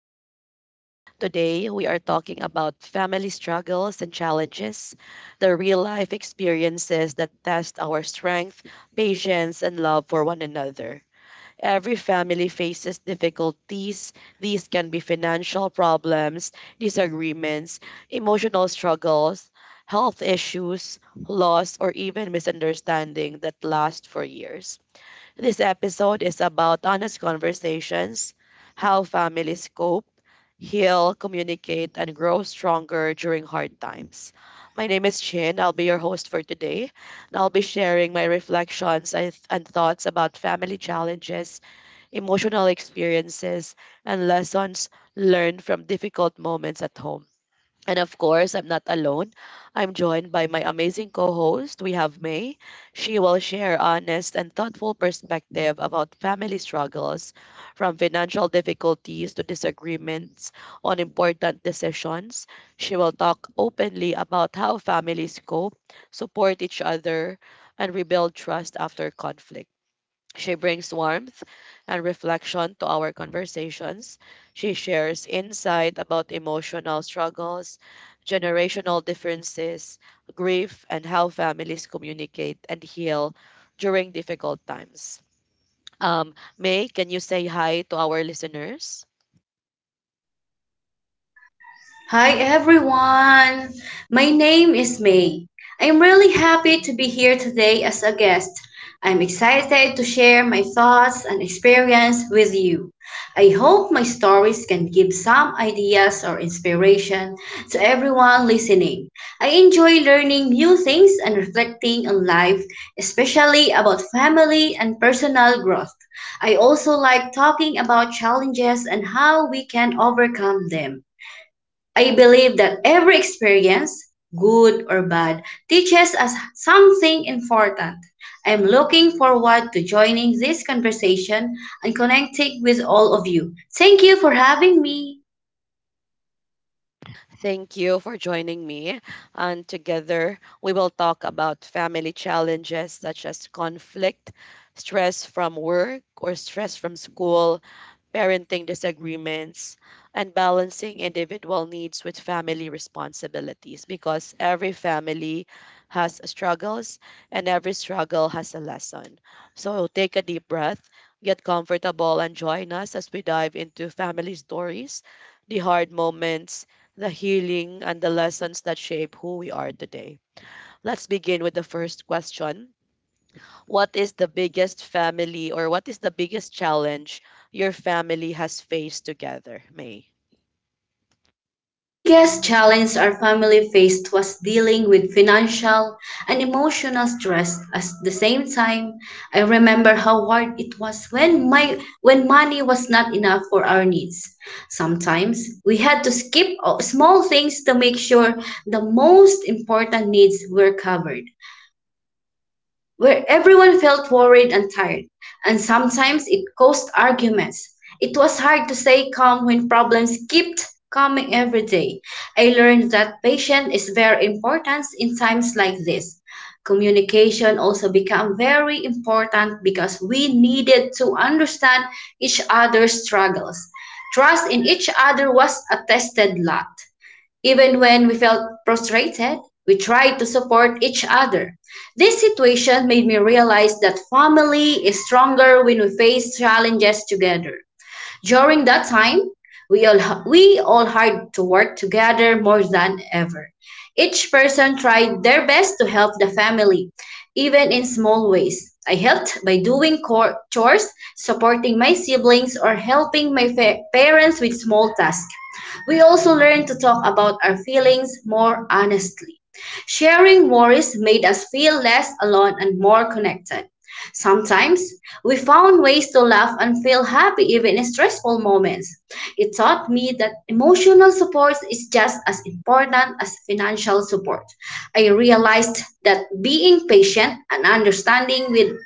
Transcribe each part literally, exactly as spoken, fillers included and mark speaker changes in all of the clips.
Speaker 1: podcast. Today, we are talking about family struggles and challenges, the real life experiences that test our strength, patience, and love for one another. Every family faces difficulties. These can be financial problems, disagreements, emotional struggles, health issues, loss, or even misunderstanding that last for years. This episode is about honest conversations, how families cope, heal, communicate, and grow stronger during hard times. My name is Chin. I'll be your host for today, and I'll be sharing my reflections and and thoughts about family challenges, emotional experiences, and lessons learned from difficult moments at home. And of course, I'm not alone. I'm joined by my amazing co-host. We have May. She will share honest and thoughtful perspective about family struggles, from financial difficulties to disagreements on important decisions. She will talk openly about how families cope, support each other, and rebuild trust after conflict. She brings warmth and reflection to our conversations. She shares insight about emotional struggles, generational differences, grief, and how families communicate and heal during difficult times. Um, May, can you say hi to our listeners?
Speaker 2: Hi everyone. My name is May. I'm really happy to be here today as a guest. I'm excited to share my thoughts and experience with you. I hope my stories can give some ideas or inspiration to everyone listening. I enjoy learning new things and reflecting on life, especially about family and personal growth. I also like talking about challenges and how we can overcome them. I believe that every experience, good or bad, teaches us something important. I'm looking forward to joining this conversation and connecting with all of you. Thank you for having me.
Speaker 1: Thank you for joining me. And together, we will talk about family challenges such as conflict, stress from work or stress from school, parenting disagreements, and balancing individual needs with family responsibilities because every family has struggles and every struggle has a lesson. So take a deep breath, get comfortable, and join us as we dive into family stories, the hard moments, the healing, and the lessons that shape who we are today. Let's begin with the first question: what is the biggest family, or what is the biggest challenge your family has faced together, May?
Speaker 2: Biggest challenge our family faced was dealing with financial and emotional stress at the same time. I remember how hard it was when my when money was not enough for our needs. Sometimes we had to skip o- small things to make sure the most important needs were covered where everyone felt worried and tired, and sometimes it caused arguments. It was hard to stay calm when problems kept coming every day. I learned that patience is very important in times like this. Communication also became very important because we needed to understand each other's struggles. Trust in each other was a tested lot. Even when we felt frustrated, we tried to support each other. This situation made me realize that family is stronger when we face challenges together. During that time, we all, we all had to work together more than ever. Each person tried their best to help the family, even in small ways. I helped by doing cor- chores, supporting my siblings, or helping my fa- parents with small tasks. We also learned to talk about our feelings more honestly. Sharing worries made us feel less alone and more connected. Sometimes we found ways to laugh and feel happy even in stressful moments. It taught me that emotional support is just as important as financial support. I realized that being patient and understanding with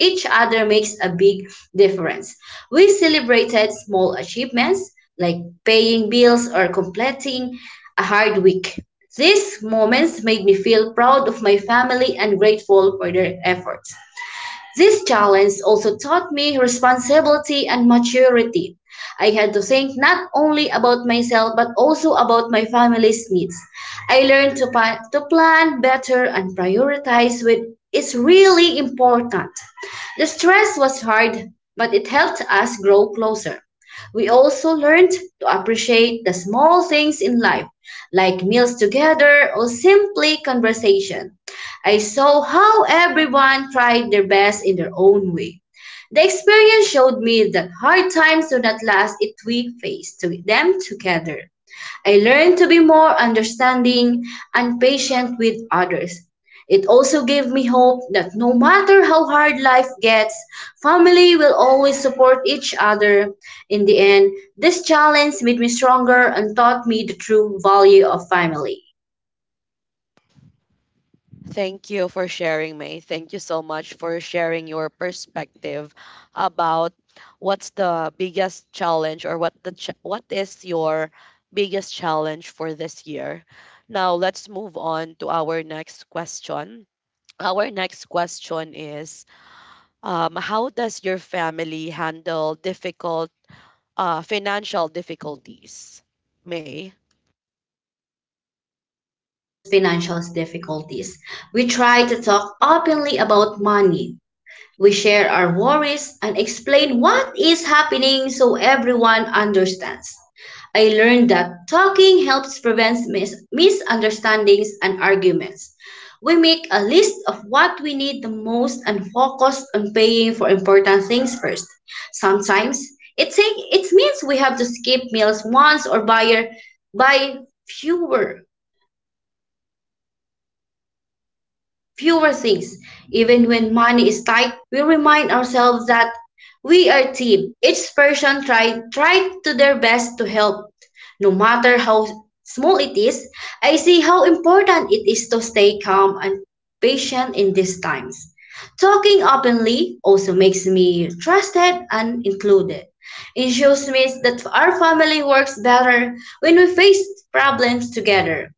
Speaker 2: each other makes a big difference. We celebrated small achievements like paying bills or completing a hard week. These moments made me feel proud of my family and grateful for their efforts. This challenge also taught me responsibility and maturity. I had to think not only about myself but also about my family's needs. I learned to, pa- to plan better and prioritize what is really important. The stress was hard, but it helped us grow closer. We also learned to appreciate the small things in life, like meals together or simply conversation. I saw how everyone tried their best in their own way. The experience showed me that hard times do not last if we face to them together. I learned to be more understanding and patient with others. It also gave me hope that no matter how hard life gets, family will always support each other. In the end, this challenge made me stronger and taught me the true value of family.
Speaker 1: Thank you for sharing, May. Thank you so much for sharing your perspective about what's the biggest challenge, or what the ch- what is your biggest challenge for this year. Now, let's move on to our next question. Our next question is, um, how does your family handle difficult, uh, financial difficulties. May,
Speaker 2: These financial difficulties, we try to talk openly about money. We share our worries and explain what is happening so everyone understands. I learned that talking helps prevent mis- misunderstandings and arguments. We make a list of what we need the most and focus on paying for important things first. Sometimes it take, it means we have to skip meals once or buy buy fewer fewer things. Even when money is tight, we remind ourselves that we are a team. Each person tried tried to their best to help, no matter how small it is. I see how important it is to stay calm and patient in these times. Talking openly also makes me trusted and included. It shows me that our family works better when we face problems together.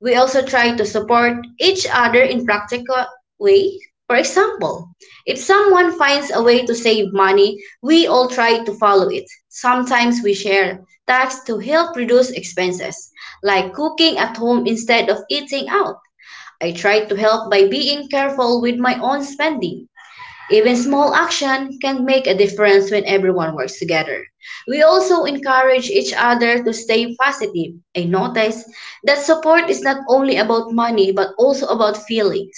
Speaker 2: We also try to support each other in practical way. For example, if someone finds a way to save money, we all try to follow it. Sometimes we share tasks to help reduce expenses, like cooking at home instead of eating out. I try to help by being careful with my own spending. Even small action can make a difference when everyone works together. We also encourage each other to stay positive. I notice that support is not only about money but also about feelings.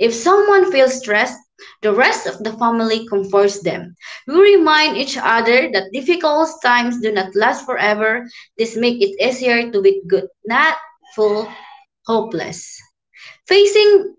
Speaker 2: If someone feels stressed, the rest of the family comforts them. We remind each other that difficult times do not last forever. This makes it easier to be good, not full, hopeless. Facing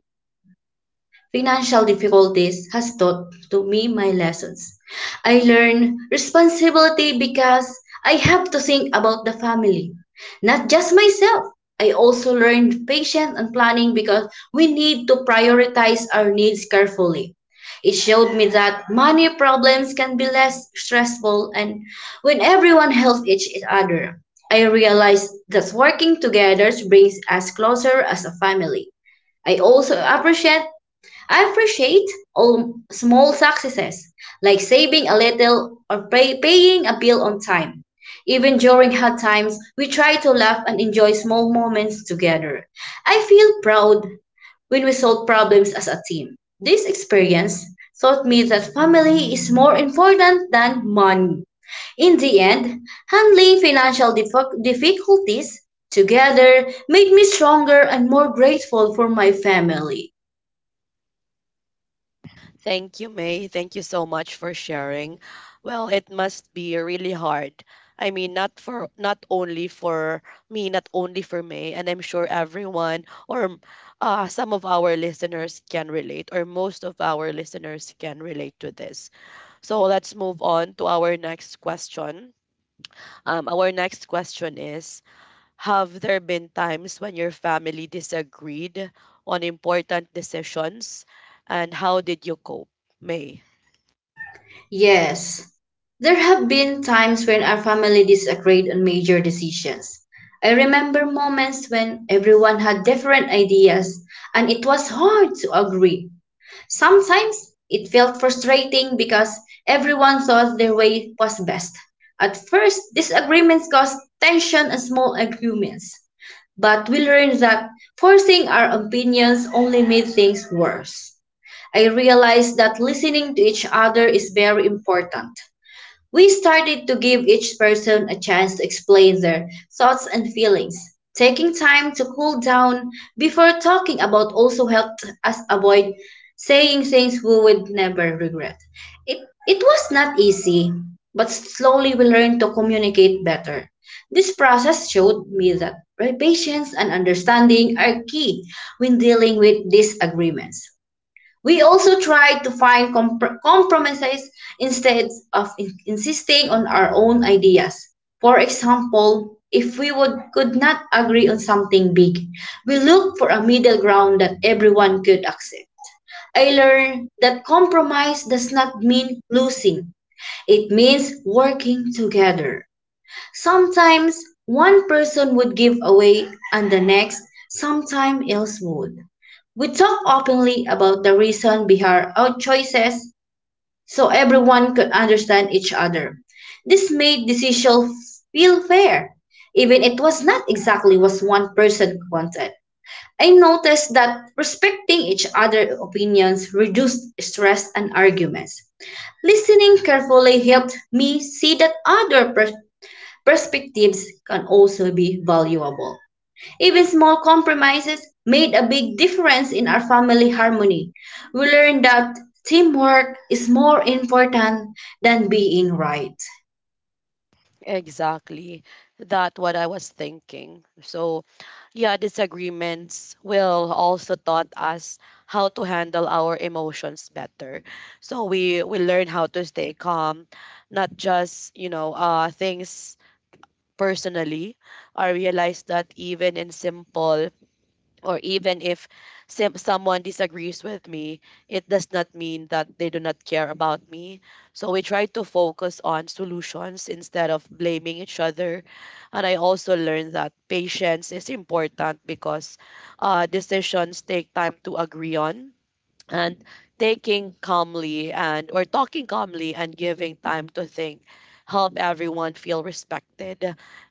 Speaker 2: financial difficulties has taught to me my lessons. I learned responsibility because I have to think about the family, not just myself. I also learned patience and planning because we need to prioritize our needs carefully. It showed me that money problems can be less stressful and when everyone helps each other. I realized that working together brings us closer as a family. I also appreciate I appreciate all small successes, like saving a little or pay, paying a bill on time. Even during hard times, we try to laugh and enjoy small moments together. I feel proud when we solve problems as a team. This experience taught me that family is more important than money. In the end, handling financial dif- difficulties together made me stronger and more grateful for my family.
Speaker 1: thank you, May. Thank you so much for sharing. Well, it must be really hard. I mean, not for not only for me, not only for May, and I'm sure everyone, or uh, some of our listeners can relate, or most of our listeners can relate to this. So let's move on to our next question. Um, our next question is, have there been times when your family disagreed on important decisions? And how did you cope, May?
Speaker 2: Yes. There have been times when our family disagreed on major decisions. I remember moments when everyone had different ideas and it was hard to agree. Sometimes it felt frustrating because everyone thought their way was best. At first, disagreements caused tension and small arguments, but we learned that forcing our opinions only made things worse. I realized that listening to each other is very important. We started to give each person a chance to explain their thoughts and feelings. Taking time to cool down before talking about also helped us avoid saying things we would never regret. It, it was not easy, but slowly we learned to communicate better. This process showed me that patience and understanding are key when dealing with disagreements. We also tried to find compr- compromises instead of in- insisting on our own ideas. For example, if we would, could not agree on something big, we looked for a middle ground that everyone could accept. I learned that compromise does not mean losing, it means working together. Sometimes one person would give away and the next, sometime else would. We talked openly about the reason behind our choices so everyone could understand each other. This made decisions feel fair, even it was not exactly what one person wanted. I noticed that respecting each other's opinions reduced stress and arguments. Listening carefully helped me see that other pers- perspectives can also be valuable. Even small compromises made a big difference in our family harmony. We learned that teamwork is more important than being right.
Speaker 1: Exactly. That what I was thinking. So, yeah, disagreements will also taught us how to handle our emotions better. So we we learn how to stay calm, not just, you know, uh things personally. I realized that even in simple, or even if sim- someone disagrees with me, it does not mean that they do not care about me. So we try to focus on solutions instead of blaming each other. And I also learned that patience is important because uh, decisions take time to agree on, and taking calmly and or talking calmly and giving time to think help everyone feel respected.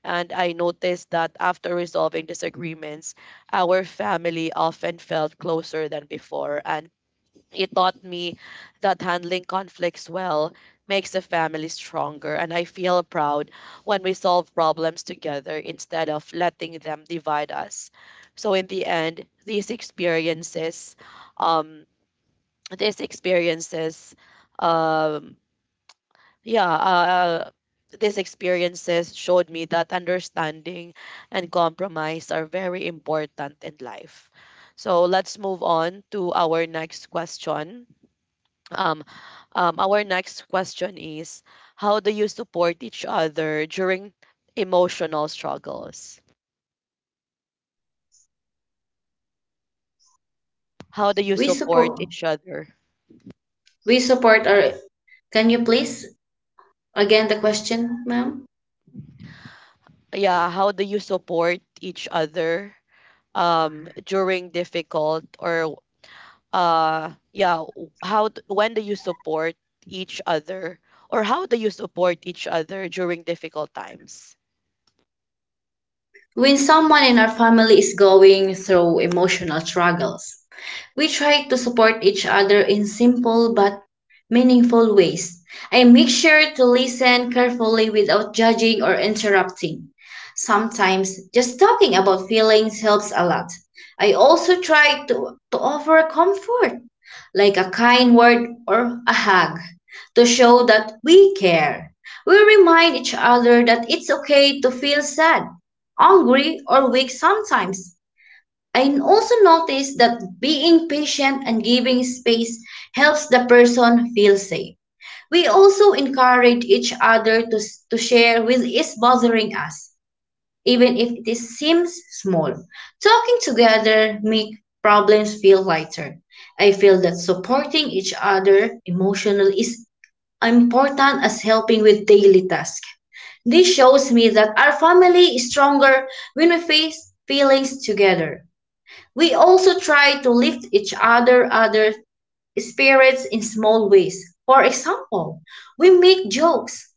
Speaker 1: And I noticed that after resolving disagreements, our family often felt closer than before, and it taught me that handling conflicts well makes a family stronger. And I feel proud when we solve problems together instead of letting them divide us. So in the end, these experiences um these experiences um yeah uh, these experiences showed me that understanding and compromise are very important in life. So let's move on to our next question. um, um our next question is, how do you support each other during emotional struggles? How do you
Speaker 2: We
Speaker 1: support
Speaker 2: support
Speaker 1: each other?
Speaker 2: we support our can you please again the question, ma'am?
Speaker 1: Yeah, how do you support each other um during difficult, or uh yeah w- how d- when do you support each other, or how do you support each other during difficult times?
Speaker 2: When someone in our family is going through emotional struggles, we try to support each other in simple but meaningful ways. I make sure to listen carefully without judging or interrupting. Sometimes just talking about feelings helps a lot. I also try to, to offer comfort, like a kind word or a hug, to show that we care. We remind each other that it's okay to feel sad, angry, or weak sometimes. I also noticed that being patient and giving space helps the person feel safe. We also encourage each other to, to share what is bothering us, even if it is- seems small. Talking together makes problems feel lighter. I feel that supporting each other emotionally is important as helping with daily tasks. This shows me that our family is stronger when we face feelings together. We also try to lift each other other spirits in small ways. For example, we make jokes,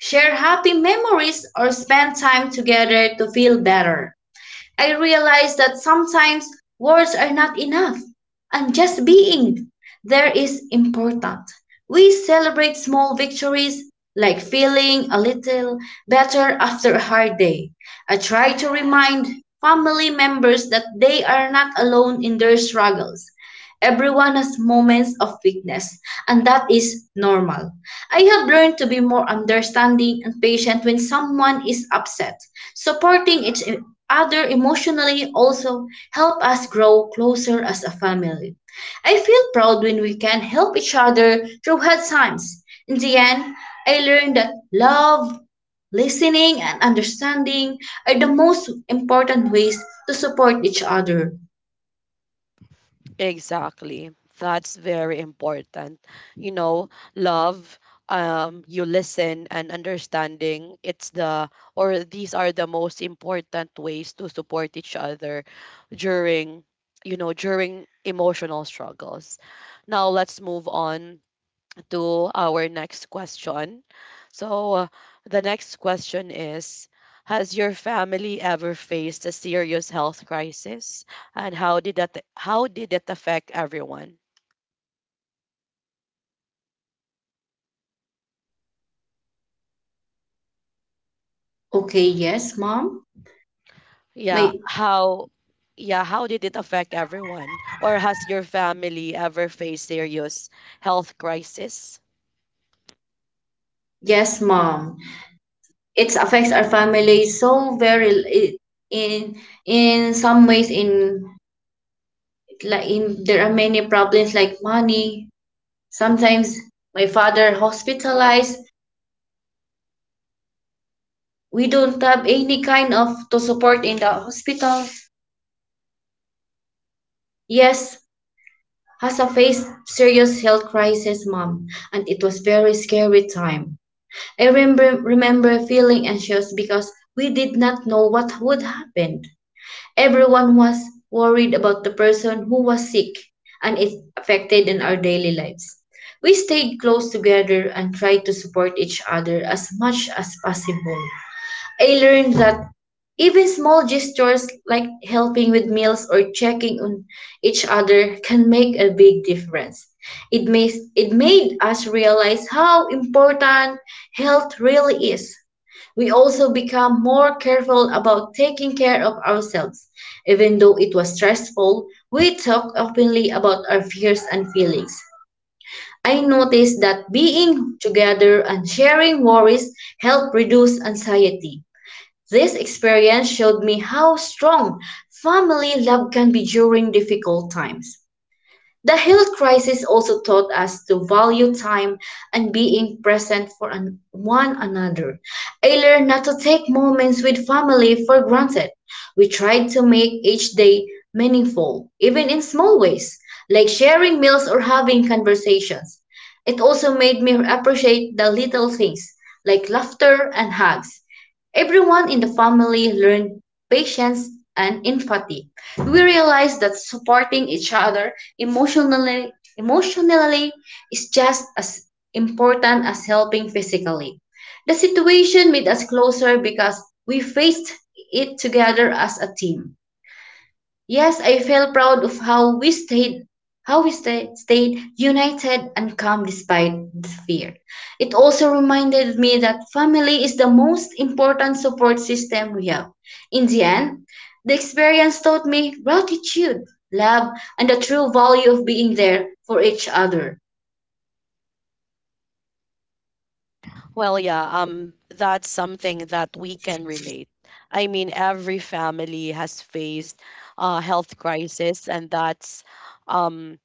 Speaker 2: share happy memories, or spend time together to feel better. I realize that sometimes words are not enough, and just being there is important. We celebrate small victories like feeling a little better after a hard day. I try to remind family members that they are not alone in their struggles. Everyone has moments of weakness, and that is normal. I have learned to be more understanding and patient when someone is upset. Supporting each other emotionally also help us grow closer as a family. I feel proud when we can help each other through hard times. In the end, I learned that love, listening, and understanding are the most important ways to support each other.
Speaker 1: Exactly. That's very important. You know, love, um you listen and understanding, it's the or these are the most important ways to support each other during, you know, during emotional struggles. Now let's move on to our next question. So, uh, the next question is, has your family ever faced a serious health crisis? And how did that, how did it affect everyone?
Speaker 2: Okay, yes, mom.
Speaker 1: Yeah,
Speaker 2: My.
Speaker 1: how yeah, how did it affect everyone? Or has your family ever faced serious health crisis?
Speaker 2: Yes, mom. It affects our family so very it, in in some ways in like in there are many problems like money. Sometimes my father hospitalized. We don't have any kind of to support in the hospital. Yes, has a faced serious health crisis, mom, and it was very scary time. I remember remember feeling anxious because we did not know what would happen. Everyone was worried about the person who was sick, and it affected in our daily lives. We stayed close together and tried to support each other as much as possible. I learned that even small gestures like helping with meals or checking on each other can make a big difference. It, makes it made us realize how important health really is. We also become more careful about taking care of ourselves. Even though it was stressful, we talk openly about our fears and feelings. I noticed that being together and sharing worries helped reduce anxiety. This experience showed me how strong family love can be during difficult times. The health crisis also taught us to value time and being present for an- one another. I learned not to take moments with family for granted. We tried to make each day meaningful, even in small ways, like sharing meals or having conversations. It also made me appreciate the little things, like laughter and hugs. Everyone in the family learned patience and empathy. We realize that supporting each other emotionally emotionally is just as important as helping physically. The situation made us closer because we faced it together as a team. Yes, I feel proud of how we stayed how we stayed, stayed united and calm despite the fear. It also reminded me that family is the most important support system we have. In the end, the experience taught me gratitude, love, and the true value of being there for each other.
Speaker 1: Well, yeah, um, that's something that we can relate. I mean, every family has faced a health crisis, and that's, um,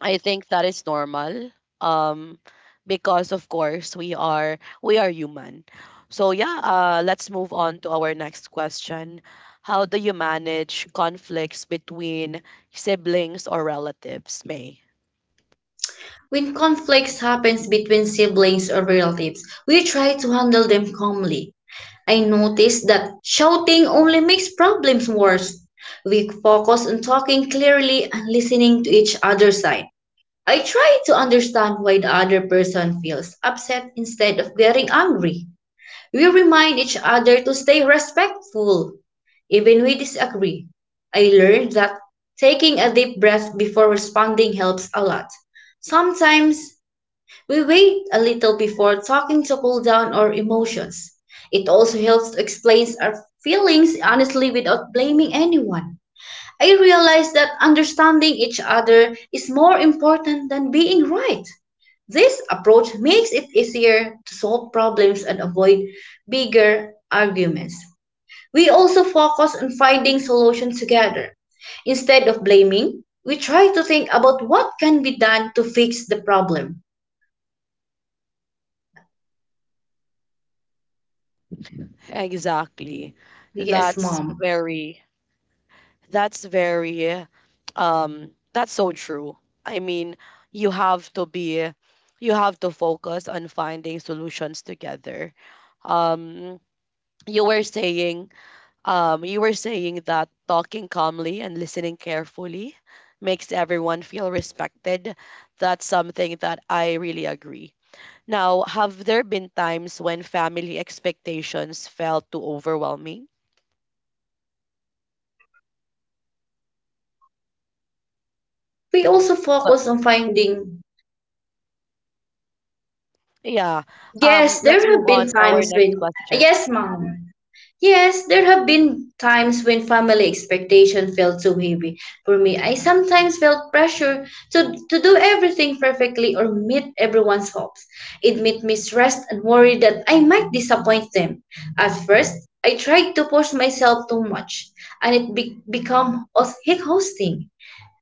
Speaker 1: I think that is normal. Um, because of course we are we are human. So yeah, uh, let's move on to our next question. How do you manage conflicts between siblings or relatives, May?
Speaker 2: When conflicts happens between siblings or relatives, we try to handle them calmly. I noticed that shouting only makes problems worse. We focus on talking clearly and listening to each other's side. I try to understand why the other person feels upset instead of getting angry. We remind each other to stay respectful, even we disagree. I learned that taking a deep breath before responding helps a lot. Sometimes we wait a little before talking to cool down our emotions. It also helps to explain our feelings honestly without blaming anyone. I realize that understanding each other is more important than being right. This approach makes it easier to solve problems and avoid bigger arguments. We also focus on finding solutions together. Instead of blaming, we try to think about what can be done to fix the problem.
Speaker 1: Exactly.
Speaker 2: Yes,
Speaker 1: That's
Speaker 2: mom.
Speaker 1: very That's very um that's so true. I mean, you have to be you have to focus on finding solutions together. Um you were saying, um you were saying that talking calmly and listening carefully makes everyone feel respected. That's something that I really agree. Now, have there been times when family expectations felt too overwhelming?
Speaker 2: We also
Speaker 1: Well,
Speaker 2: focus on finding.
Speaker 1: yeah.
Speaker 2: Yes,
Speaker 1: Um
Speaker 2: there
Speaker 1: let's
Speaker 2: have
Speaker 1: move on
Speaker 2: been
Speaker 1: to our
Speaker 2: times
Speaker 1: next
Speaker 2: when.
Speaker 1: question.
Speaker 2: Yes, mom. Yes, there have been times when family expectation felt too heavy. For me, I sometimes felt pressure to, to do everything perfectly or meet everyone's hopes. It made me stressed and worried that I might disappoint them. At first, I tried to push myself too much, and it be- became exhausting.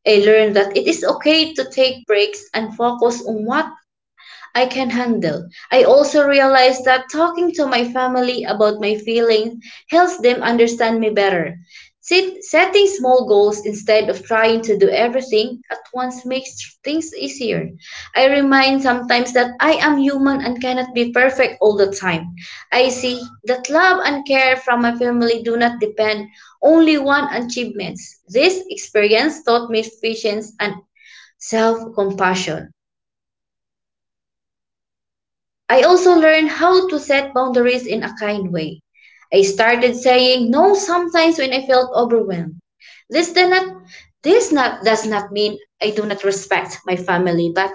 Speaker 2: I learned that it is okay to take breaks and focus on what I can handle. I also realize that talking to my family about my feelings helps them understand me better. Sit- setting small goals instead of trying to do everything at once makes things easier. I remind sometimes that I am human and cannot be perfect all the time. I see that love and care from my family do not depend only on achievements. This experience taught me patience and self compassion. I also learned how to set boundaries in a kind way. I started saying no sometimes when I felt overwhelmed. This does not this not does not mean I do not respect my family, but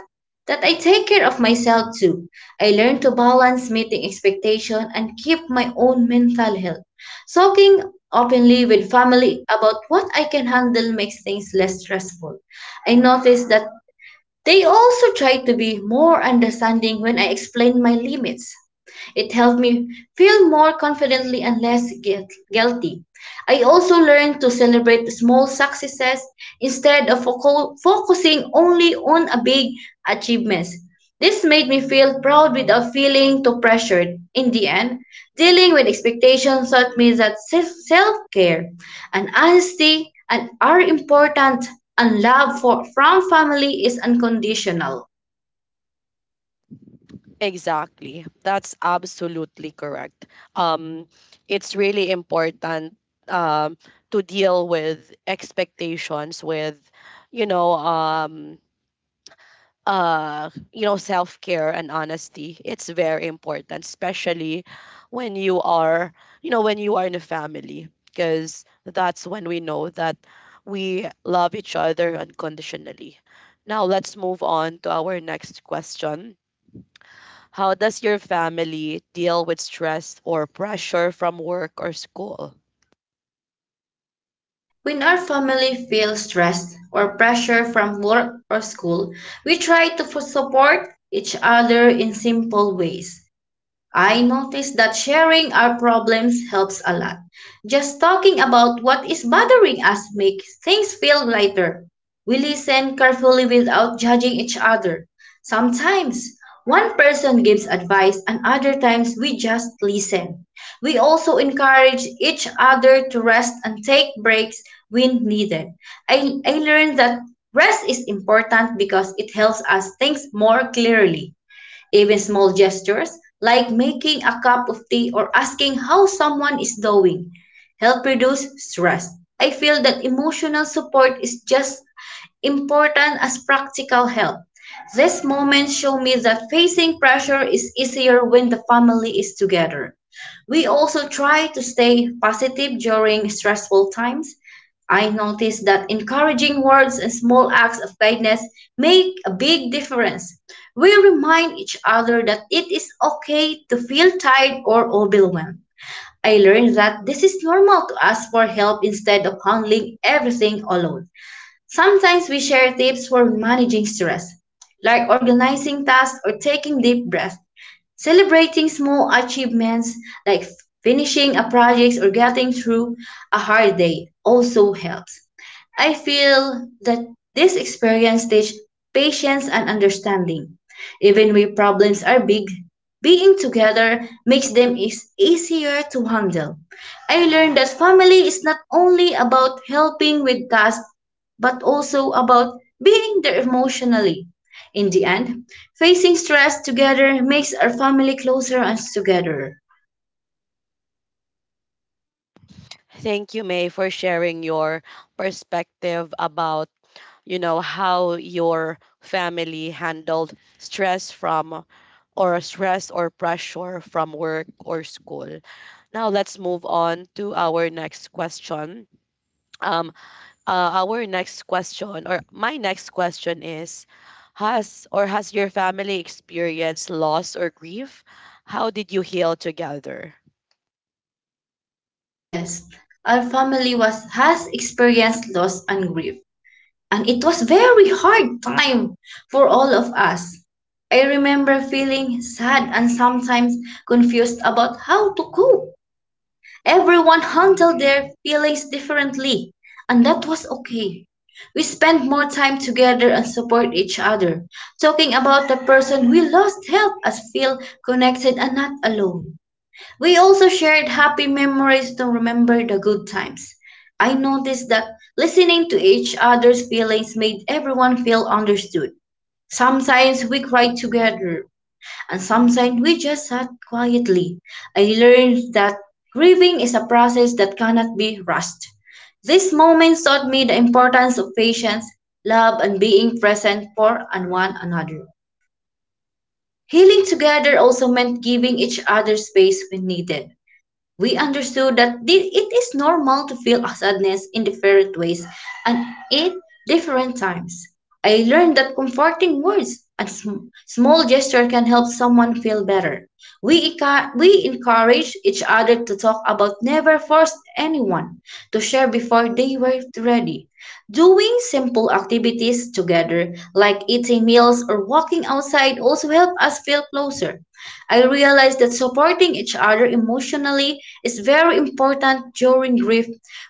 Speaker 2: that I take care of myself too. I learned to balance meeting expectation and keep my own mental health. Talking openly with family about what I can handle makes things less stressful. I noticed that they also tried to be more understanding when I explained my limits. It helped me feel more confidently and less guilt, guilty. I also learned to celebrate small successes instead of foco- focusing only on a big achievements. This made me feel proud without feeling too pressured. In the end, dealing with expectations taught me that self care and honesty and are important, and love for, from family is unconditional.
Speaker 1: Exactly. That's absolutely correct. Um, it's really important, um, to deal with expectations, with, you know, um, uh, you know, self care and honesty. It's very important, especially when you are, you know, when you are in a family, because that's when we know that we love each other unconditionally. Now let's move on to our next question. How does your family deal with stress or pressure from work or school?
Speaker 2: When our family feels stressed or pressure from work or school, we try to fu- support each other in simple ways. I noticed that sharing our problems helps a lot. Just talking about what is bothering us makes things feel lighter. We listen carefully without judging each other. Sometimes one person gives advice and other times we just listen. We also encourage each other to rest and take breaks when needed. I, I learned that rest is important because it helps us think more clearly. Even small gestures, like making a cup of tea or asking how someone is doing, help reduce stress. I feel that emotional support is just important as practical help. These moments show me that facing pressure is easier when the family is together. We also try to stay positive during stressful times. I noticed that encouraging words and small acts of kindness make a big difference. We remind each other that it is okay to feel tired or overwhelmed. I learned that this is normal to ask for help instead of handling everything alone. Sometimes we share tips for managing stress, like organizing tasks or taking deep breaths, celebrating small achievements like finishing a project or getting through a hard day also helps. I feel that this experience teaches patience and understanding. Even when problems are big, being together makes them is easier to handle. I learned that family is not only about helping with tasks but also about being there emotionally. In the end, facing stress together makes our family closer and together.
Speaker 1: Thank you, May, for sharing your perspective about, you know, how your family handled stress from, or stress or pressure from work or school. Now let's move on to our next question. Um, uh, our next question, or my next question is, has or has your family experienced loss or grief? How did you heal together?
Speaker 2: Yes, our family was has experienced loss and grief, and it was very hard time for all of us. I remember feeling sad and sometimes confused about how to cope. Everyone handled their feelings differently, and that was okay. We spent more time together and support each other. Talking about the person we lost helped us feel connected and not alone. We also shared happy memories to remember the good times. I noticed that listening to each other's feelings made everyone feel understood. Sometimes we cried together, and sometimes we just sat quietly. I learned that grieving is a process that cannot be rushed. These moments taught me the importance of patience, love, and being present for and one another. Healing together also meant giving each other space when needed. We understood that thi- it is normal to feel sadness in different ways and at different times. I learned that comforting words and sm- small gesture can help someone feel better. We, enca- we encourage each other to talk about never forced anyone to share before they were ready. Doing simple activities together, like eating meals or walking outside, also help us feel closer. I realized that supporting each other emotionally is very important during grief.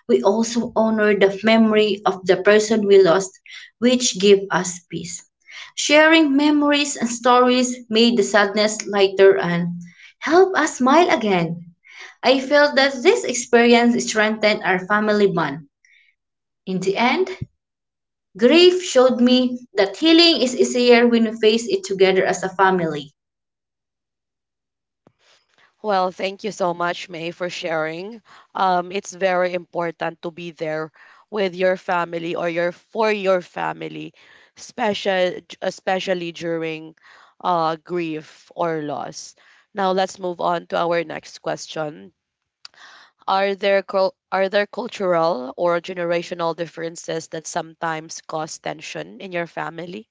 Speaker 2: We also honor the memory of the person we lost, which give us peace. Sharing memories and stories made the sadness lighter and help us smile again. I felt that this experience strengthened our family bond. In the end, grief showed me that healing is easier when we face it together as a family.
Speaker 1: Well, thank you so much, May, for sharing. Um, it's very important to be there with your family, or your for your family, special especially during uh, grief or loss. Now let's move on to our next question. Are there cul- are there cultural or generational differences that sometimes cause tension in your family?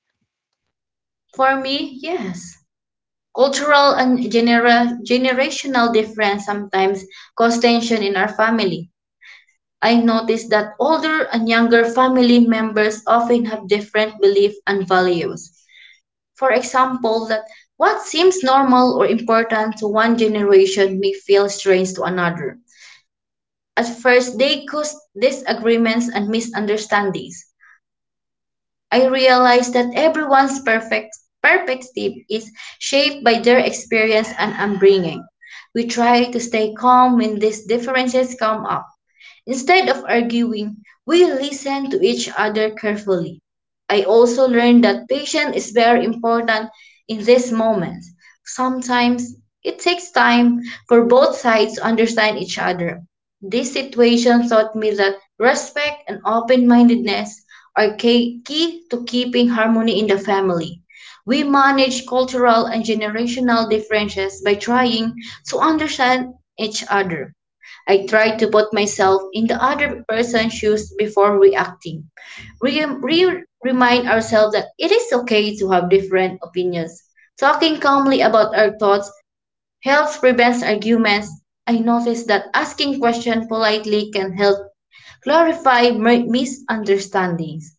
Speaker 2: For me, yes. Cultural and genera- generational difference sometimes cause tension in our family. I notice that older and younger family members often have different beliefs and values. For example, that what seems normal or important to one generation may feel strange to another. At first, they cause disagreements and misunderstandings. I realized that everyone's perfect perspective is shaped by their experience and upbringing. We try to stay calm when these differences come up. Instead of arguing, we listen to each other carefully. I also learned that patience is very important in this moment. Sometimes it takes time for both sides to understand each other. This situation taught me that respect and open mindedness are key key to keeping harmony in the family. We manage cultural and generational differences by trying to understand each other. I try to put myself in the other person's shoes before reacting. Re- re- remind ourselves that it is okay to have different opinions. Talking calmly about our thoughts helps prevents arguments. I noticed that asking questions politely can help clarify mi- misunderstandings,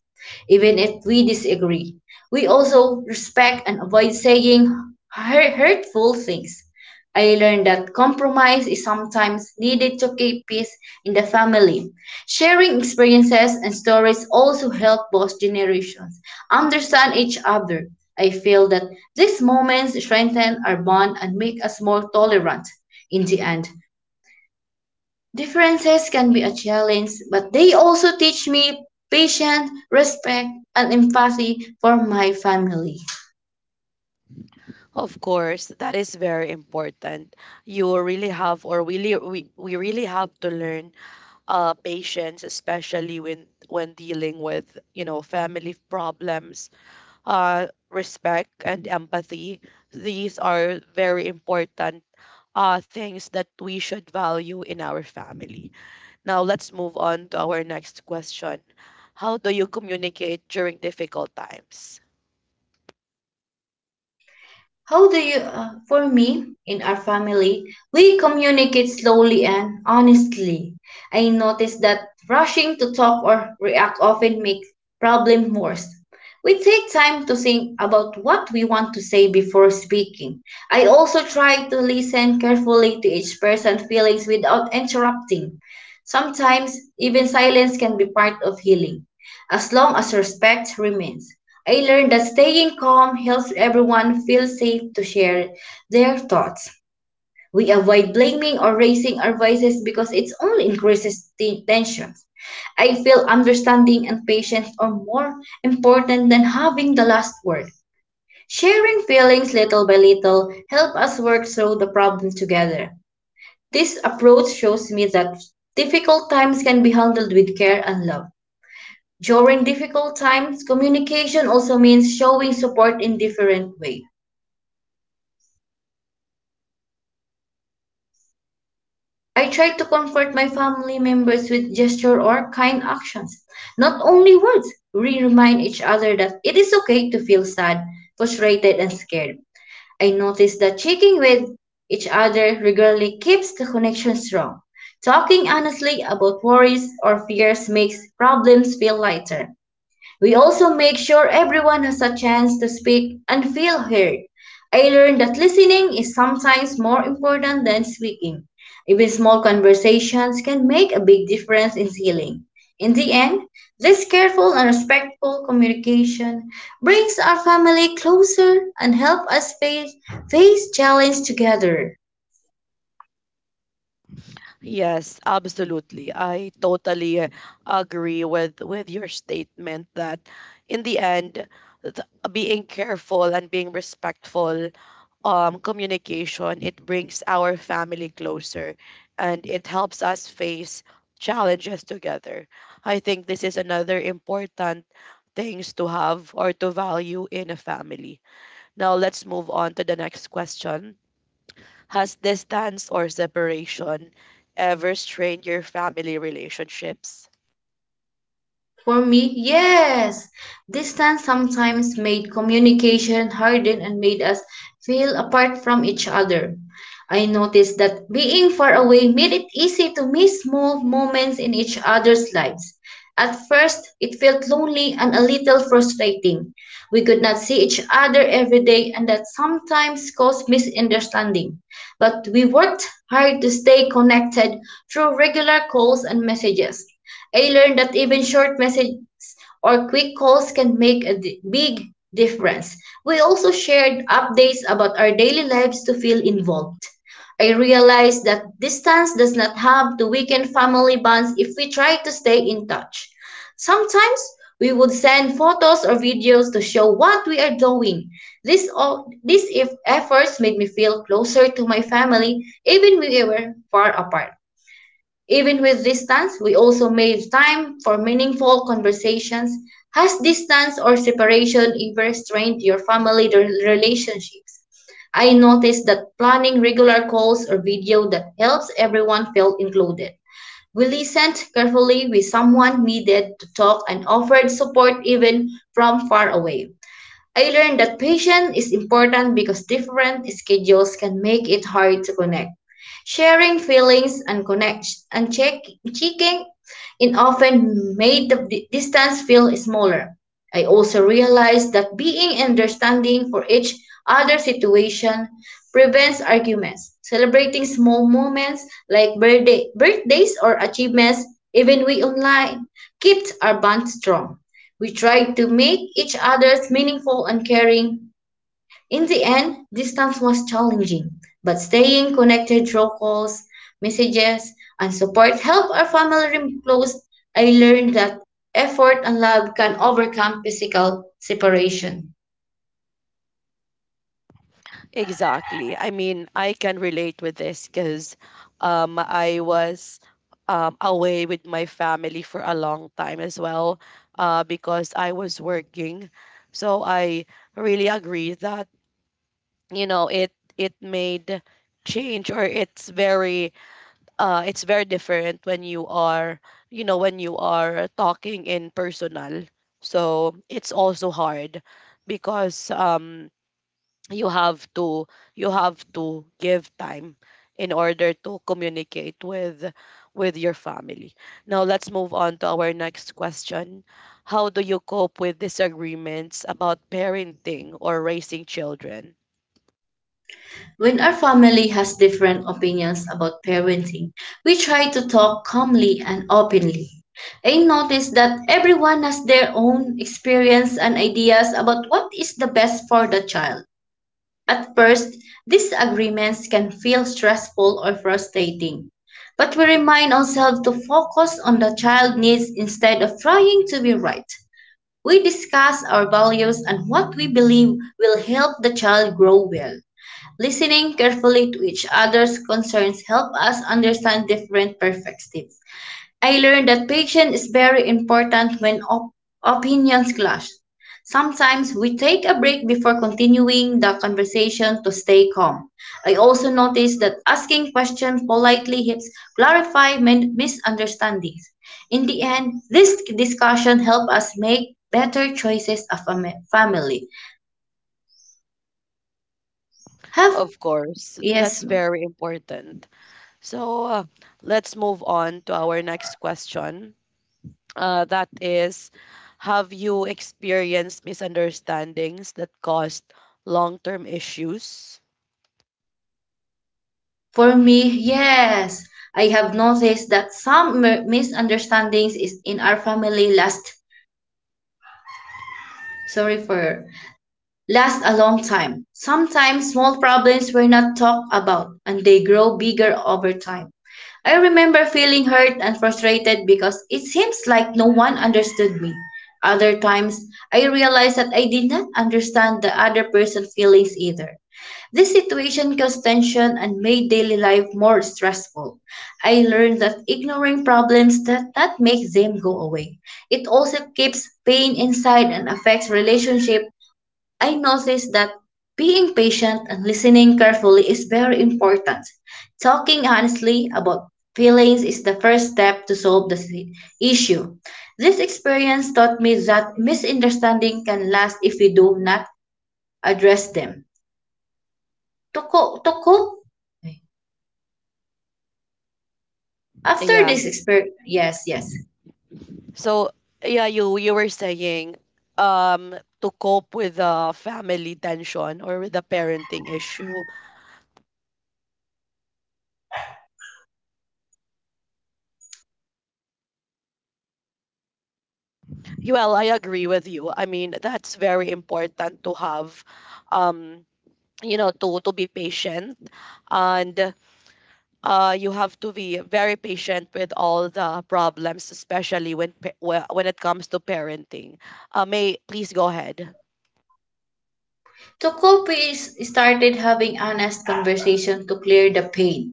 Speaker 2: even if we disagree. We also respect and avoid saying hurt- hurtful things. I learned that compromise is sometimes needed to keep peace in the family. Sharing experiences and stories also help both generations understand each other. I feel that these moments strengthen our bond and make us more tolerant. In the end, differences can be a challenge, but they also teach me patience, respect, and empathy for my family.
Speaker 1: Of course, that is very important. You really have, or really, we, we really have to learn uh, patience, especially when when dealing with, you know, family problems. Uh, respect and empathy. These are very important uh, things that we should value in our family. Now let's move on to our next question. How do you communicate during difficult times?
Speaker 2: How do you, uh, for me, in our family, we communicate slowly and honestly. I notice that rushing to talk or react often makes problem worse. We take time to think about what we want to say before speaking. I also try to listen carefully to each person's feelings without interrupting. Sometimes, even silence can be part of healing, as long as respect remains. I learned that staying calm helps everyone feel safe to share their thoughts. We avoid blaming or raising our voices because it only increases the tension. I feel understanding and patience are more important than having the last word. Sharing feelings little by little help us work through the problem together. This approach shows me that difficult times can be handled with care and love. During difficult times, communication also means showing support in different ways. I try to comfort my family members with gesture or kind actions, not only words. We remind each other that it is okay to feel sad, frustrated, and scared. I notice that checking with each other regularly keeps the connection strong. Talking honestly about worries or fears makes problems feel lighter. We also make sure everyone has a chance to speak and feel heard. I learned that listening is sometimes more important than speaking. Even small conversations can make a big difference in healing. In the end, this careful and respectful communication brings our family closer and helps us face, face challenges together.
Speaker 1: Yes, absolutely. I totally agree with with your statement that in the end, th- being careful and being respectful um, communication, it brings our family closer, and it helps us face challenges together. I think this is another important things to have or to value in a family. Now let's move on to the next question. Has distance or separation ever strained your family relationships?
Speaker 2: For me, yes. Distance sometimes made communication harden and made us feel apart from each other. I noticed that being far away made it easy to miss small moments in each other's lives. At first, it felt lonely and a little frustrating. We could not see each other every day, and that sometimes caused misunderstanding. But we worked hard to stay connected through regular calls and messages. I learned that even short messages or quick calls can make a di- big difference. We also shared updates about our daily lives to feel involved. I realized that distance does not have to weaken family bonds if we try to stay in touch. Sometimes we would send photos or videos to show what we are doing. This all, these if efforts made me feel closer to my family even when we were far apart. Even with distance, we also made time for meaningful conversations. Has distance or separation ever strained your family re- relationships? I noticed that planning regular calls or video that helps everyone feel included. We listened carefully when someone needed to talk and offered support even from far away. I learned that patience is important because different schedules can make it hard to connect. Sharing feelings and connect and check checking in often made the di- distance feel smaller. I also realized that being understanding for each other situation prevents arguments. Celebrating small moments like birthday, birthdays or achievements, even we online, keeps our bond strong. We tried to make each other's meaningful and caring. In the end, distance was challenging, but staying connected through calls, messages, and support helped our family remain close. I learned that effort and love can overcome physical separation.
Speaker 1: Exactly. I mean, I can relate with this because, um, I was, um, away with my family for a long time as well, uh, because I was working. So I really agree that, you know, it, it made change, or it's very, uh, it's very different when you are, you know, when you are talking in personal. So it's also hard because, um, you have to you have to give time in order to communicate with with your family. Now let's move on to our next question. How do you cope with disagreements about parenting or raising children?
Speaker 2: When our family has different opinions about parenting, we try to talk calmly and openly. I notice that everyone has their own experience and ideas about what is the best for the child. At first, these agreements can feel stressful or frustrating, but we remind ourselves to focus on the child's needs instead of trying to be right. We discuss our values and what we believe will help the child grow well. Listening carefully to each other's concerns help us understand different perspectives. I learned that patience is very important when op- opinions clash. Sometimes we take a break before continuing the conversation to stay calm. I also noticed that asking questions politely helps clarify min- misunderstandings. In the end, this discussion helped us make better choices of a ma- family. Have
Speaker 1: Of course, that's
Speaker 2: yes.
Speaker 1: very important. So uh, let's move on to our next question. Uh, that is, have you experienced misunderstandings that caused long-term issues?
Speaker 2: For me, yes. I have noticed that some mi- misunderstandings is in our family last. Sorry for last a long time. Sometimes small problems were not talked about and they grow bigger over time. I remember feeling hurt and frustrated because it seems like no one understood me. Other times, I realized that I did not understand the other person's feelings either. This situation caused tension and made daily life more stressful. I learned that ignoring problems does not make them go away. It also keeps pain inside and affects relationship. I noticed that being patient and listening carefully is very important. Talking honestly about feelings is the first step to solve the si- issue. This experience taught me that misunderstanding can last if we do not address them. To, co- to cope, after
Speaker 1: Yeah.
Speaker 2: this experience, yes, yes.
Speaker 1: So yeah, you you were saying, um to cope with the family tension or with the parenting issue. Well, I agree with you. I mean, that's very important to have, um you know, to to be patient and uh, you have to be very patient with all the problems, especially when pa- whe- when it comes to parenting. Uh, May, please go ahead.
Speaker 2: To cope, we s- started having honest conversation to clear the pain.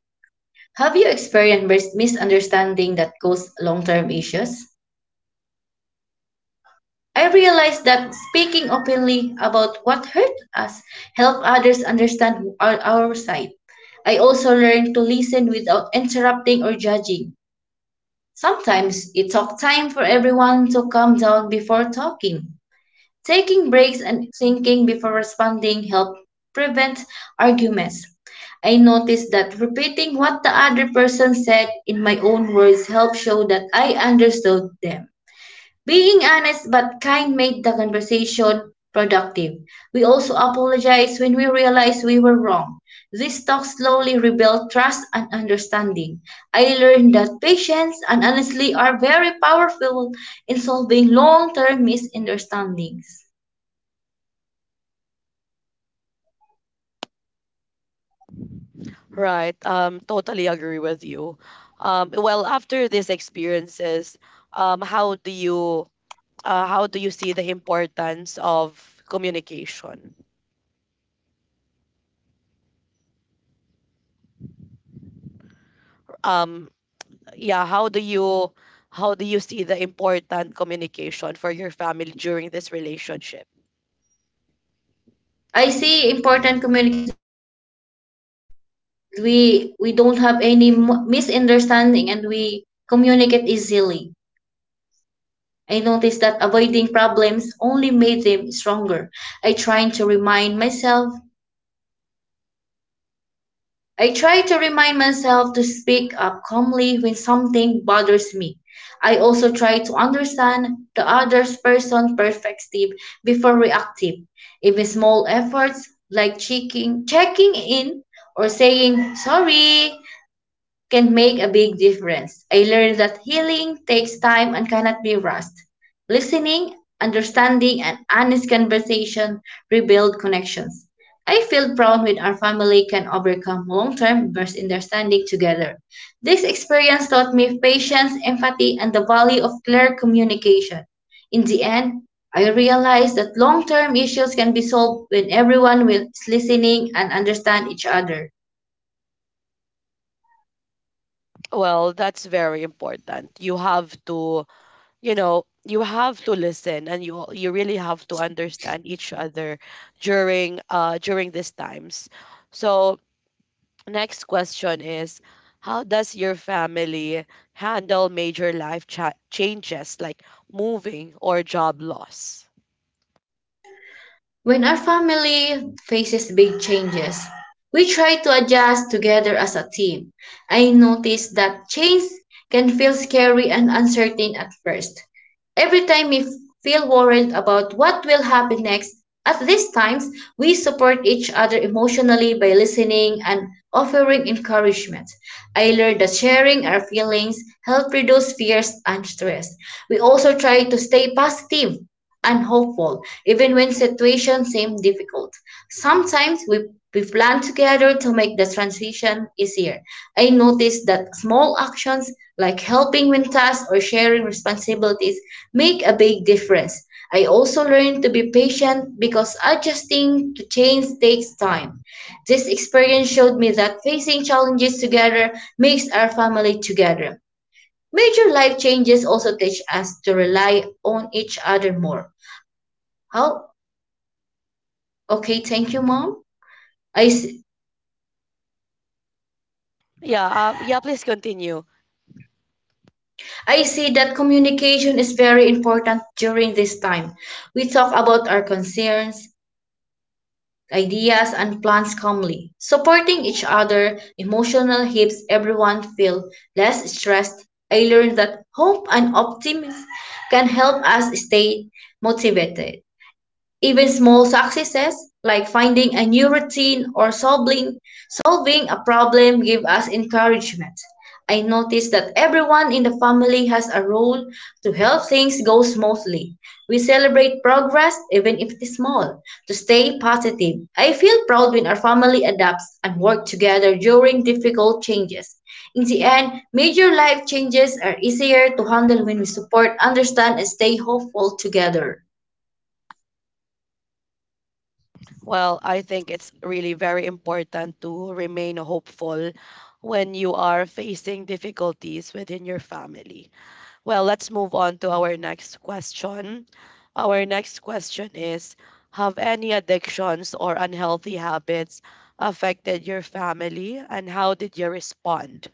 Speaker 2: Have you experienced mis- misunderstanding that caused long-term issues? I realized that speaking openly about what hurt us helped others understand our, our side. I also learned to listen without interrupting or judging. Sometimes it took time for everyone to calm down before talking. Taking breaks and thinking before responding helped prevent arguments. I noticed that repeating what the other person said in my own words helped show that I understood them. Being honest but kind made the conversation productive. We also apologized when we realized we were wrong. These talks slowly rebuilt trust and understanding. I learned that patience and honesty are very powerful in solving long term misunderstandings.
Speaker 1: Right. Um, totally agree with you. Um, well, after these experiences, um, how do you, uh, how do you see the importance of communication? Um, yeah, how do you how do you see the important communication for your family during this relationship?
Speaker 2: I see important communities in my family. We we don't have any mo- misunderstanding and we communicate easily. I noticed that avoiding problems only made them stronger. I tried to remind myself I tried to remind myself to speak up calmly when something bothers me. I also try to understand the other person's perspective before reacting. Even small efforts like checking checking in or saying sorry can make a big difference. I learned that healing takes time and cannot be rushed. Listening, understanding, and honest conversation rebuild connections. I feel proud when our family can overcome long term misunderstanding together. This experience taught me patience, empathy, and the value of clear communication. In the end, I realized that long term issues can be solved when everyone will- is listening and understand each other.
Speaker 1: Well, that's very important. You have to you know, you have to listen, and you you really have to understand each other during uh during these times. So next question is, how does your family handle major life cha- changes like moving or job loss?
Speaker 2: When our family faces big changes, we try to adjust together as a team. I noticed that change can feel scary and uncertain at first. Every time we feel worried about what will happen next, at these times, we support each other emotionally by listening and offering encouragement. I learned that sharing our feelings help reduce fears and stress. We also try to stay positive and hopeful, even when situations seem difficult. Sometimes we, we plan together to make the transition easier. I noticed that small actions like helping when tasked or sharing responsibilities make a big difference. I also learned to be patient because adjusting to change takes time. This experience showed me that facing challenges together makes our family together. Major life changes also teach us to rely on each other more. Oh, okay. Thank you, Mom. I see,
Speaker 1: Yeah uh, yeah, please continue.
Speaker 2: I see that communication is very important during this time. We talk about our concerns, ideas, and plans calmly, supporting each other. Emotional helps everyone feel less stressed. I learned that hope and optimism can help us stay motivated. Even small successes, like finding a new routine or solving, solving a problem, give us encouragement. I noticed that everyone in the family has a role to help things go smoothly. We celebrate progress, even if it is small, to stay positive. I feel proud when our family adapts and work together during difficult changes. In the end, major life changes are easier to handle when we support, understand, and stay hopeful together.
Speaker 1: Well, I think it's really very important to remain hopeful when you are facing difficulties within your family. Well, let's move on to our next question. Our next question is, have any addictions or unhealthy habits affected your family, and how did you respond?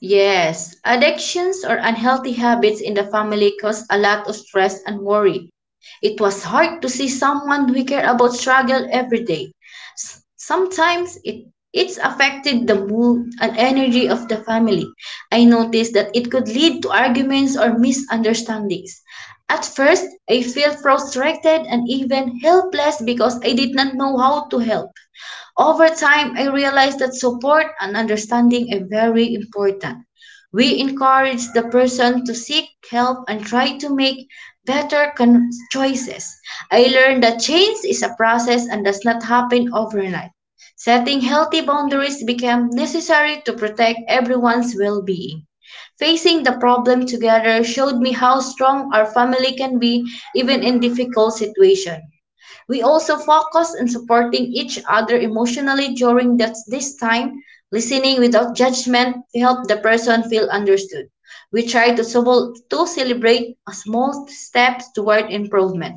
Speaker 2: Yes, addictions or unhealthy habits in the family cause a lot of stress and worry. It was hard to see someone we care about struggle every day. S- Sometimes it it's affected the mood and energy of the family. I noticed that it could lead to arguments or misunderstandings. At first, I felt frustrated and even helpless because I did not know how to help. Over time, I realized that support and understanding are very important. We encourage the person to seek help and try to make better con- choices. I learned that change is a process and does not happen overnight. Setting healthy boundaries became necessary to protect everyone's well being. Facing the problem together showed me how strong our family can be even in difficult situations. We also focused on supporting each other emotionally during that, this time. Listening without judgment helped the person feel understood. We tried to, sobol- to celebrate small steps toward improvement,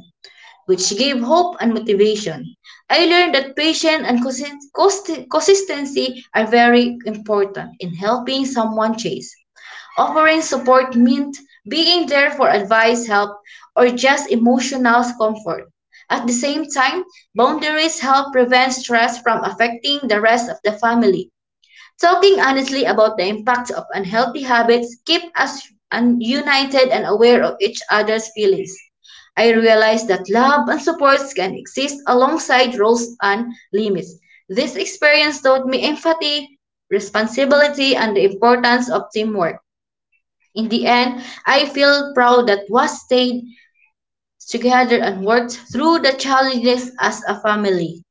Speaker 2: which gave hope and motivation. I learned that patience and consi- consi- consistency are very important in helping someone change. Offering support meant being there for advice, help, or just emotional comfort. At the same time, boundaries help prevent stress from affecting the rest of the family. Talking honestly about the impact of unhealthy habits keep us un- united and aware of each other's feelings. I realized that love and supports can exist alongside rules and limits. This experience taught me empathy, responsibility, and the importance of teamwork. In the end, I feel proud that we stayed together and worked through the challenges as a family.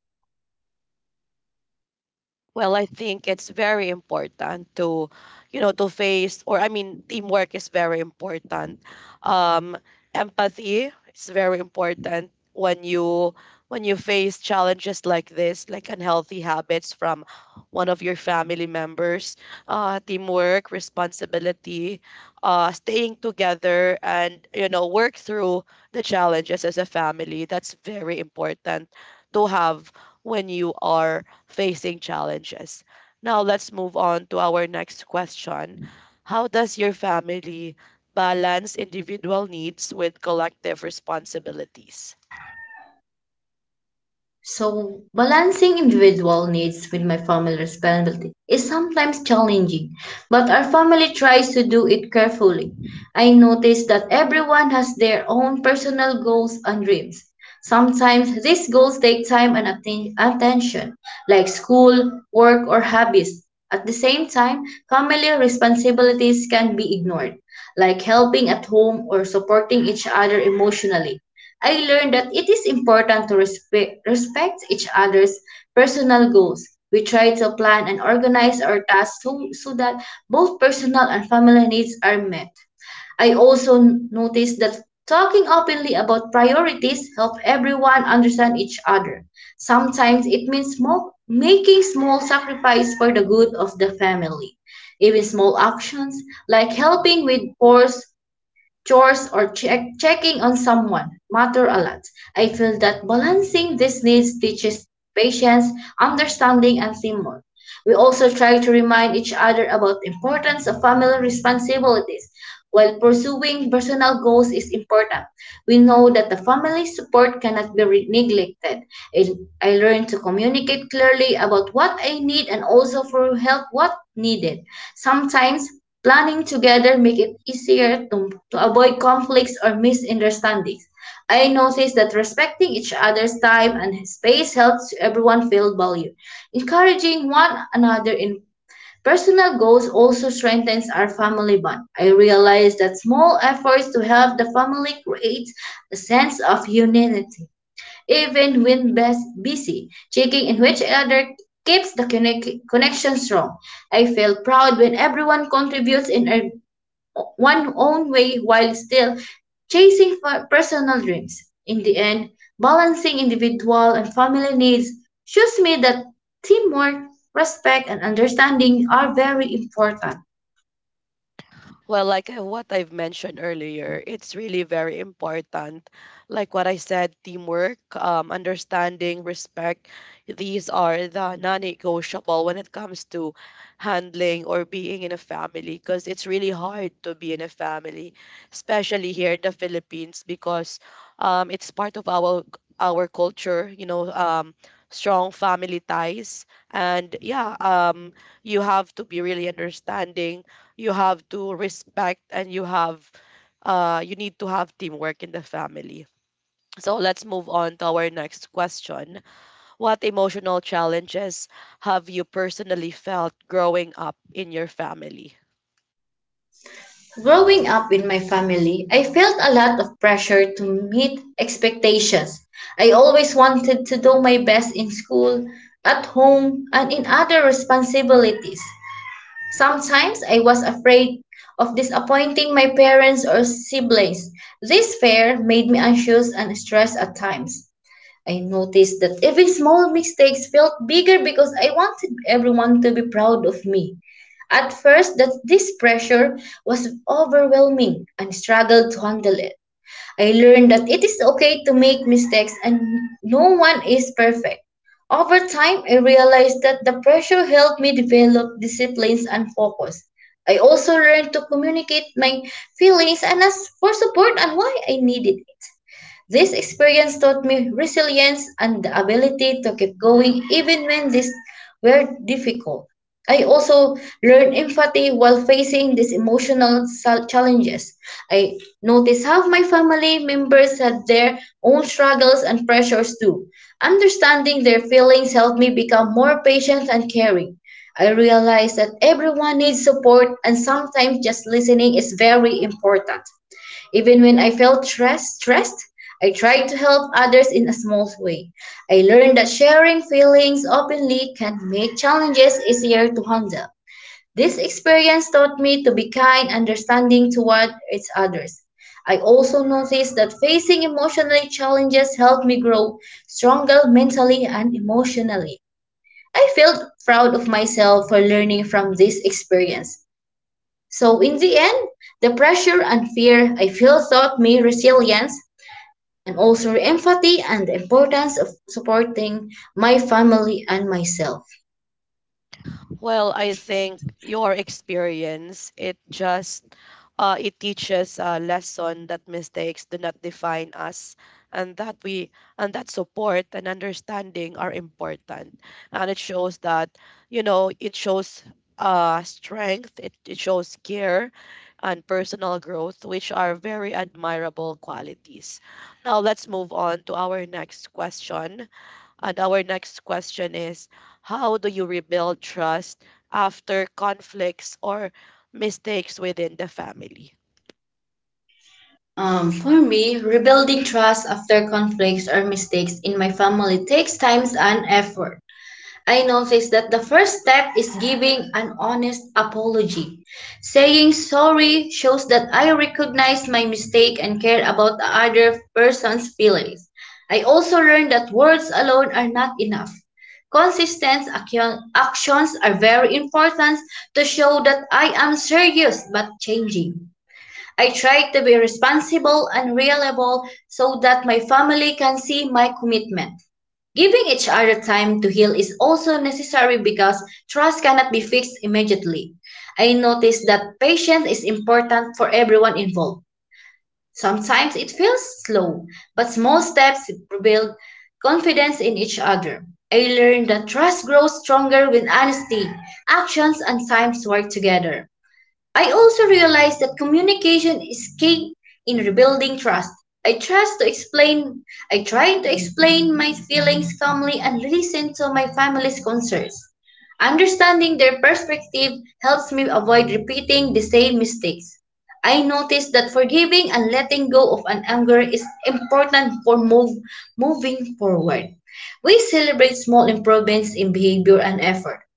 Speaker 1: Well, I think it's very important to, you know, to face, or I mean, teamwork is very important. Um, Empathy is very important when you, when you face challenges like this, like unhealthy habits from one of your family members. Uh, teamwork, responsibility, uh, staying together, and, you know, work through the challenges as a family. That's very important to have when you are facing challenges. Now, let's move on to our next question. How does your family balance individual needs with collective responsibilities?
Speaker 2: So, balancing individual needs with my family responsibility is sometimes challenging, but our family tries to do it carefully. I notice that everyone has their own personal goals and dreams. Sometimes these goals take time and atten- attention, like school, work, or hobbies. At the same time, family responsibilities can be ignored, like helping at home or supporting each other emotionally. I learned that it is important to respe- respect each other's personal goals. We try to plan and organize our tasks so, so that both personal and family needs are met. I also n- noticed that talking openly about priorities help everyone understand each other. Sometimes it means small, making small sacrifice for the good of the family. Even small actions like helping with chores chores or check, checking on someone matter a lot. I feel that balancing these needs teaches patience, understanding, and teamwork. We also try to remind each other about the importance of family responsibilities. While pursuing personal goals is important, we know that the family support cannot be re- neglected. I, I learned to communicate clearly about what I need and also for help what needed. Sometimes planning together make it easier to, to avoid conflicts or misunderstandings. I noticed that respecting each other's time and space helps everyone feel valued. Encouraging one another in personal goals also strengthens our family bond. I realize that small efforts to help the family create a sense of unity, even when best busy. Checking in which other keeps the connect- connection strong. I feel proud when everyone contributes in a one own way while still chasing for personal dreams. In the end, balancing individual and family needs shows me that teamwork, respect, and understanding are very important.
Speaker 1: Well, like uh, what I've mentioned earlier, it's really very important. Like what I said, teamwork, um, understanding, respect, these are the non-negotiable when it comes to handling or being in a family, because it's really hard to be in a family, especially here in the Philippines, because, um, it's part of our our culture, you know, um, strong family ties. And yeah, um, you have to be really understanding, you have to respect, and you have uh you need to have teamwork in the family. So let's move on to our next question. What emotional challenges have you personally felt growing up in your family?
Speaker 2: Growing up in my family, I felt a lot of pressure to meet expectations. I always wanted to do my best in school, at home, and in other responsibilities. Sometimes I was afraid of disappointing my parents or siblings. This fear made me anxious and stressed at times. I noticed that even small mistakes felt bigger because I wanted everyone to be proud of me. At first, that this pressure was overwhelming and struggled to handle it. I learned that it is okay to make mistakes and no one is perfect. Over time, I realized that the pressure helped me develop disciplines and focus. I also learned to communicate my feelings and ask for support and why I needed it. This experience taught me resilience and the ability to keep going even when these were difficult. I also learned empathy while facing these emotional sal- challenges. I noticed how my family members had their own struggles and pressures too. Understanding their feelings helped me become more patient and caring. I realized that everyone needs support and sometimes just listening is very important. Even when I felt stress, stressed, I tried to help others in a small way. I learned that sharing feelings openly can make challenges easier to handle. This experience taught me to be kind, understanding toward its others. I also noticed that facing emotional challenges helped me grow stronger mentally and emotionally. I felt proud of myself for learning from this experience. So in the end, the pressure and fear I feel taught me resilience and also empathy and the importance of supporting my family and myself.
Speaker 1: Well, I think your experience, it just, uh, it teaches a lesson that mistakes do not define us, and that we and that support and understanding are important. And it shows that, you know, it shows uh strength, it, it shows care and personal growth, which are very admirable qualities. Now let's move on to our next question. And our next question is, how do you rebuild trust after conflicts or mistakes within the family?
Speaker 2: Um, for me, rebuilding trust after conflicts or mistakes in my family takes time and effort. I noticed that the first step is giving an honest apology. Saying sorry shows that I recognize my mistake and care about the other person's feelings. I also learned that words alone are not enough. Consistent accio- actions are very important to show that I am serious but changing. I try to be responsible and reliable so that my family can see my commitment. Giving each other time to heal is also necessary because trust cannot be fixed immediately. I notice that patience is important for everyone involved. Sometimes it feels slow, but small steps build confidence in each other. I learned that trust grows stronger when honesty, actions, and time. Work together. I also realized that communication is key in rebuilding trust. I trust to explain I tried to explain my feelings calmly and listen to my family's concerns. Understanding their perspective helps me avoid repeating the same mistakes. I noticed that forgiving and letting go of an anger is important for move, moving forward. We celebrate small improvements in behavior and effort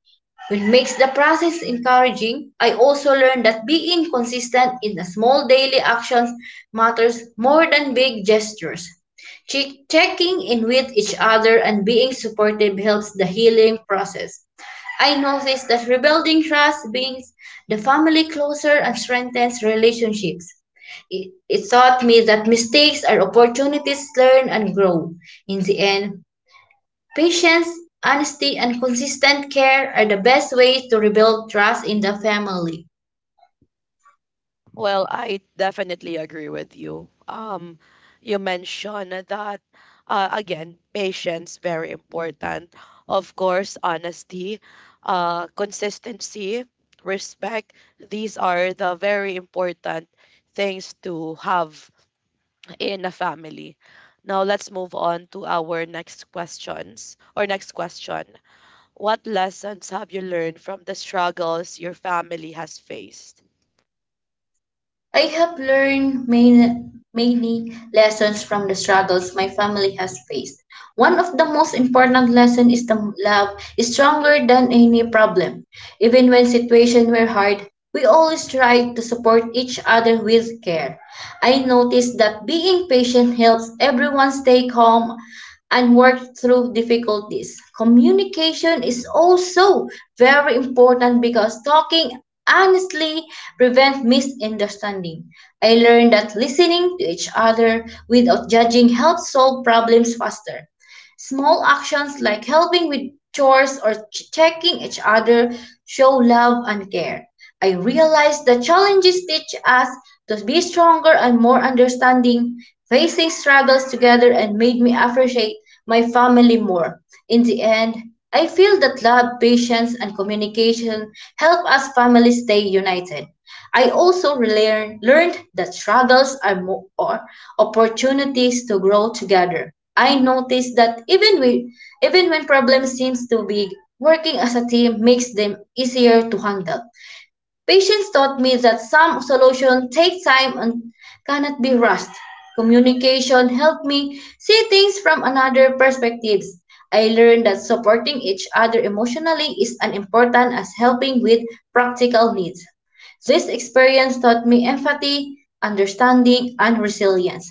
Speaker 2: which makes the process encouraging. I also learned that being consistent in the small daily actions matters more than big gestures. Che- Checking in with each other and being supportive helps the healing process. I noticed that rebuilding trust brings the family closer and strengthens relationships. It, it taught me that mistakes are opportunities to learn and grow. In the end, patience, honesty, and consistent care are the best ways to rebuild trust in the family.
Speaker 1: Well, I definitely agree with you. Um, you mentioned that, uh, again, patience, very important. Of course, honesty, uh, consistency, respect. These are the very important things to have in a family. Now let's move on to our next questions or next question. What lessons have you learned from the struggles your family has faced?
Speaker 2: I have learned many, many lessons from the struggles my family has faced. One of the most important lessons is that love is stronger than any problem. Even when situations were hard, we always tried to support each other with care. I noticed that being patient helps everyone stay calm and work through difficulties. Communication is also very important because talking honestly prevents misunderstanding. I learned that listening to each other without judging helps solve problems faster. Small actions like helping with chores or ch- checking each other show love and care. I realize the challenges teach us to be stronger and more understanding. Facing struggles together and made me appreciate my family more. In the end, I feel that love, patience, and communication help us families stay united. I also relearn, learned that struggles are more or opportunities to grow together. I noticed that even we, even when problems seems too big, working as a team makes them easier to handle. Patience taught me that some solutions take time and cannot be rushed. Communication helped me see things from another perspectives. I learned that supporting each other emotionally is as important as helping with practical needs. This experience taught me empathy, understanding, and resilience.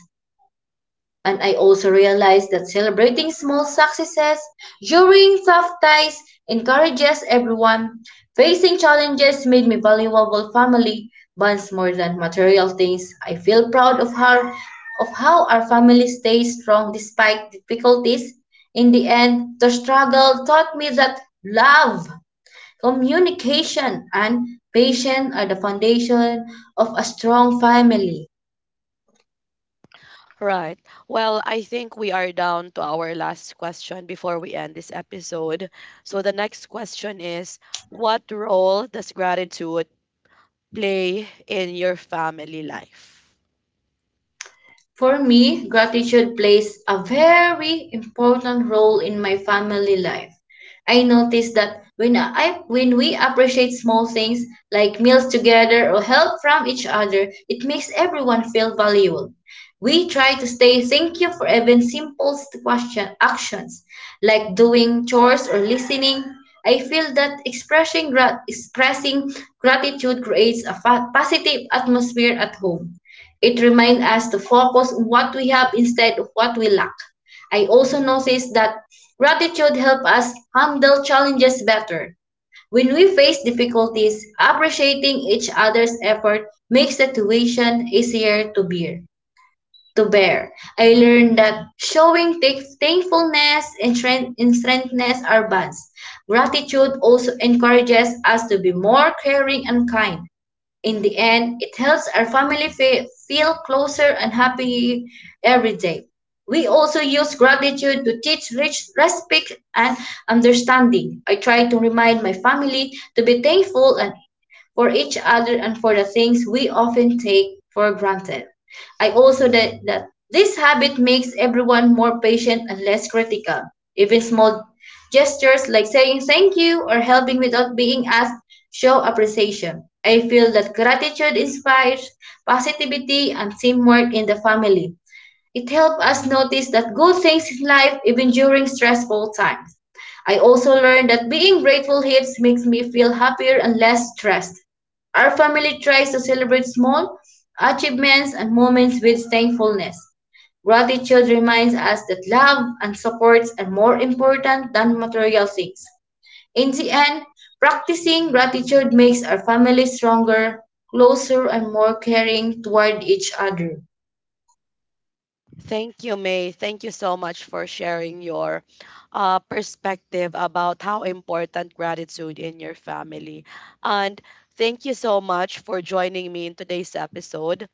Speaker 2: And I also realized that celebrating small successes during tough times encourages everyone. Facing challenges made me valuable family bonds more than material things. I feel proud of her, of how our family stays strong despite difficulties. In the end, the struggle taught me that love, communication, and patience are the foundation of a strong family.
Speaker 1: Right. Well, I think we are down to our last question before we end this episode. So the next question is, what role does gratitude play in your family life?
Speaker 2: For me, gratitude plays a very important role in my family life. I notice that when I when we appreciate small things like meals together or help from each other, it makes everyone feel valuable. We try to stay thank you for even simple st- question actions like doing chores or listening. I feel that expressing grat- expressing gratitude creates a fa- positive atmosphere at home. It reminds us to focus on what we have instead of what we lack. I also noticed that gratitude helps us handle challenges better. When we face difficulties, appreciating each other's effort makes the situation easier to bear. To bear, I learned that showing thank- thankfulness and strength and strengthness are bonds. Gratitude also encourages us to be more caring and kind. In the end, it helps our family fe- feel closer and happy every day. We also use gratitude to teach rich respect and understanding. I try to remind my family to be thankful and for each other and for the things we often take for granted. I also that, that this habit makes everyone more patient and less critical. Even small gestures like saying thank you or helping without being asked show appreciation. I feel that gratitude inspires positivity and teamwork in the family. It helped us notice that good things in life even during stressful times. I also learned that being grateful helps makes me feel happier and less stressed. Our family tries to celebrate small achievements and moments with thankfulness. Gratitude reminds us that love and supports are more important than material things. In the end, practicing gratitude makes our family stronger, closer, and more caring toward each other.
Speaker 1: Thank you, May. Thank you so much for sharing your uh, perspective about how important gratitude in your family. And thank you so much for joining me in today's episode.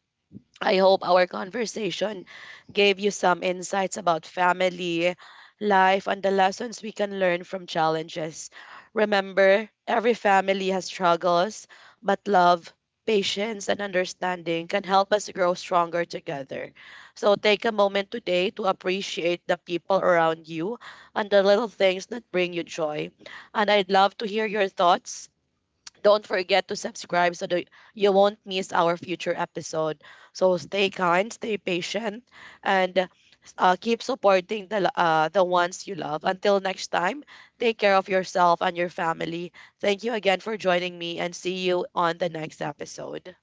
Speaker 1: I hope our conversation gave you some insights about family, life, and the lessons we can learn from challenges. Remember, every family has struggles, but love, patience, and understanding can help us grow stronger together. So take a moment today to appreciate the people around you and the little things that bring you joy. And I'd love to hear your thoughts. Don't forget to subscribe so that you won't miss our future episode. So stay kind, stay patient, and uh, keep supporting the lo- uh, the ones you love. Until next time, take care of yourself and your family. Thank you again for joining me, and see you on the next episode.